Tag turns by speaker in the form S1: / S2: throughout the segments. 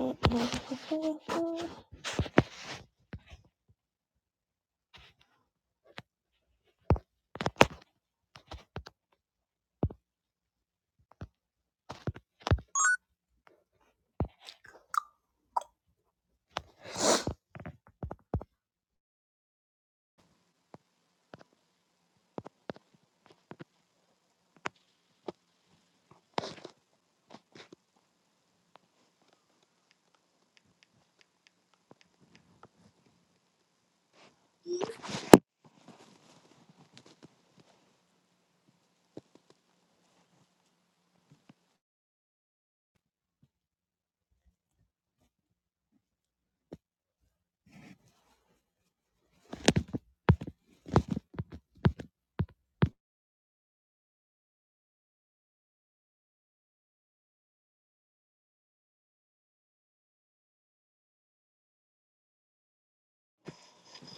S1: That's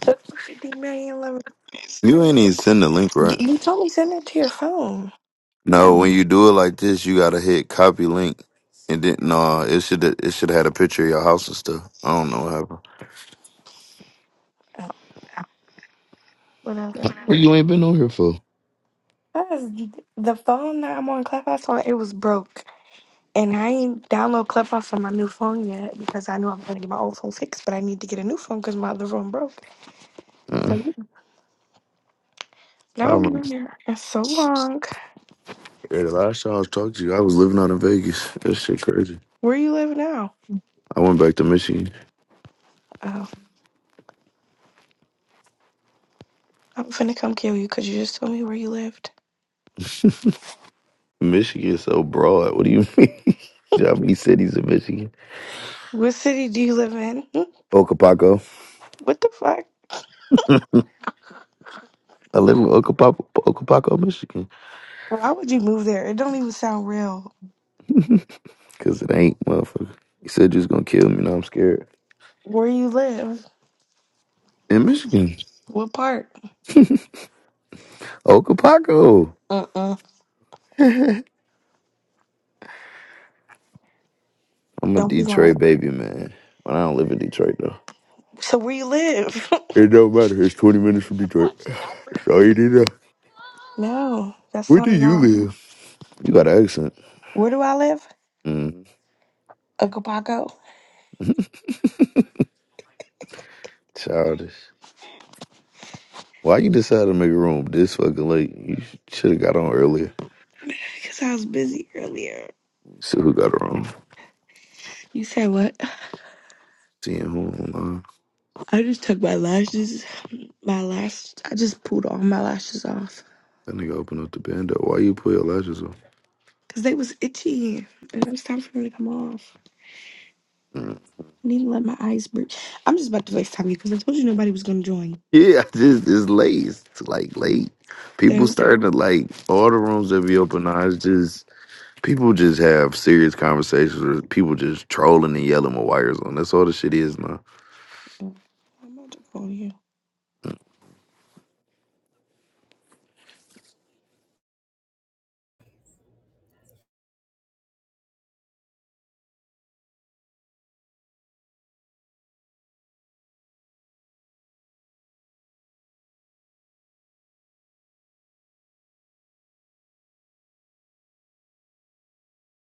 S1: what you
S2: You ain't even send the link,
S1: You
S2: right?
S1: told me send it to your phone.
S2: No, when you do it like this, you gotta hit copy link, and then no, it should it should have had a picture of your house and stuff. I don't know what happened.
S1: Oh, whatever.
S2: What you ain't been on here for?
S1: That's the phone that I'm on Clubhouse on. It was broke, and I ain't download Clubhouse on my new phone yet because I knew I was gonna get my old phone fixed, but I need to get a new phone because my other phone broke.
S2: Uh,
S1: So now I'm
S2: I'm
S1: living there. It's so long.
S2: the last time I was talking to you, I was living out in Vegas. That shit crazy.
S1: Where you live now?
S2: I went back to Michigan.
S1: Oh, I'm finna come kill you because you just told me where you lived.
S2: Michigan is so broad. What do you mean? You know How many cities in Michigan?
S1: What city do you live in? Hmm?
S2: Okapaco.
S1: What the fuck?
S2: I live in Okapaco, Okapaco, Michigan.
S1: Why would you move there? It don't even sound real.
S2: Cause it ain't, motherfucker. You said you was gonna kill me. Now I'm scared.
S1: Where you live?
S2: In Michigan,
S1: What part?
S2: Okapaco.
S1: Uh-uh.
S2: I'm a
S1: Don't be lying.
S2: Detroit baby, man. But I don't live in Detroit though.
S1: So where you live?
S2: It don't matter. It's 20 minutes from Detroit. That's all you need to know.
S1: no, that's
S2: Where do
S1: not
S2: you
S1: enough.
S2: live? You got an accent.
S1: Where do I live?
S2: Mm,
S1: Okapago.
S2: childish. Why you decided to make a room this fucking late? You should have got on earlier.
S1: Because I was busy earlier.
S2: See who got a room.
S1: You said what?
S2: Seeing who online.
S1: I just took my lashes. My lash. I just pulled all my lashes off.
S2: That nigga open up the band up. Why you put your lashes on?
S1: Because they was itchy. And it was time for them to come off.
S2: Mm.
S1: I need to let my eyes breathe. I'm just about to FaceTime you because I told you nobody was going to join.
S2: Yeah, I just it's late. It's like late. People
S1: So,
S2: starting to like all the rooms that be open now. It's just People just have serious conversations or people just trolling and yelling with wires on. That's all the shit is now.
S1: I'm about to call you.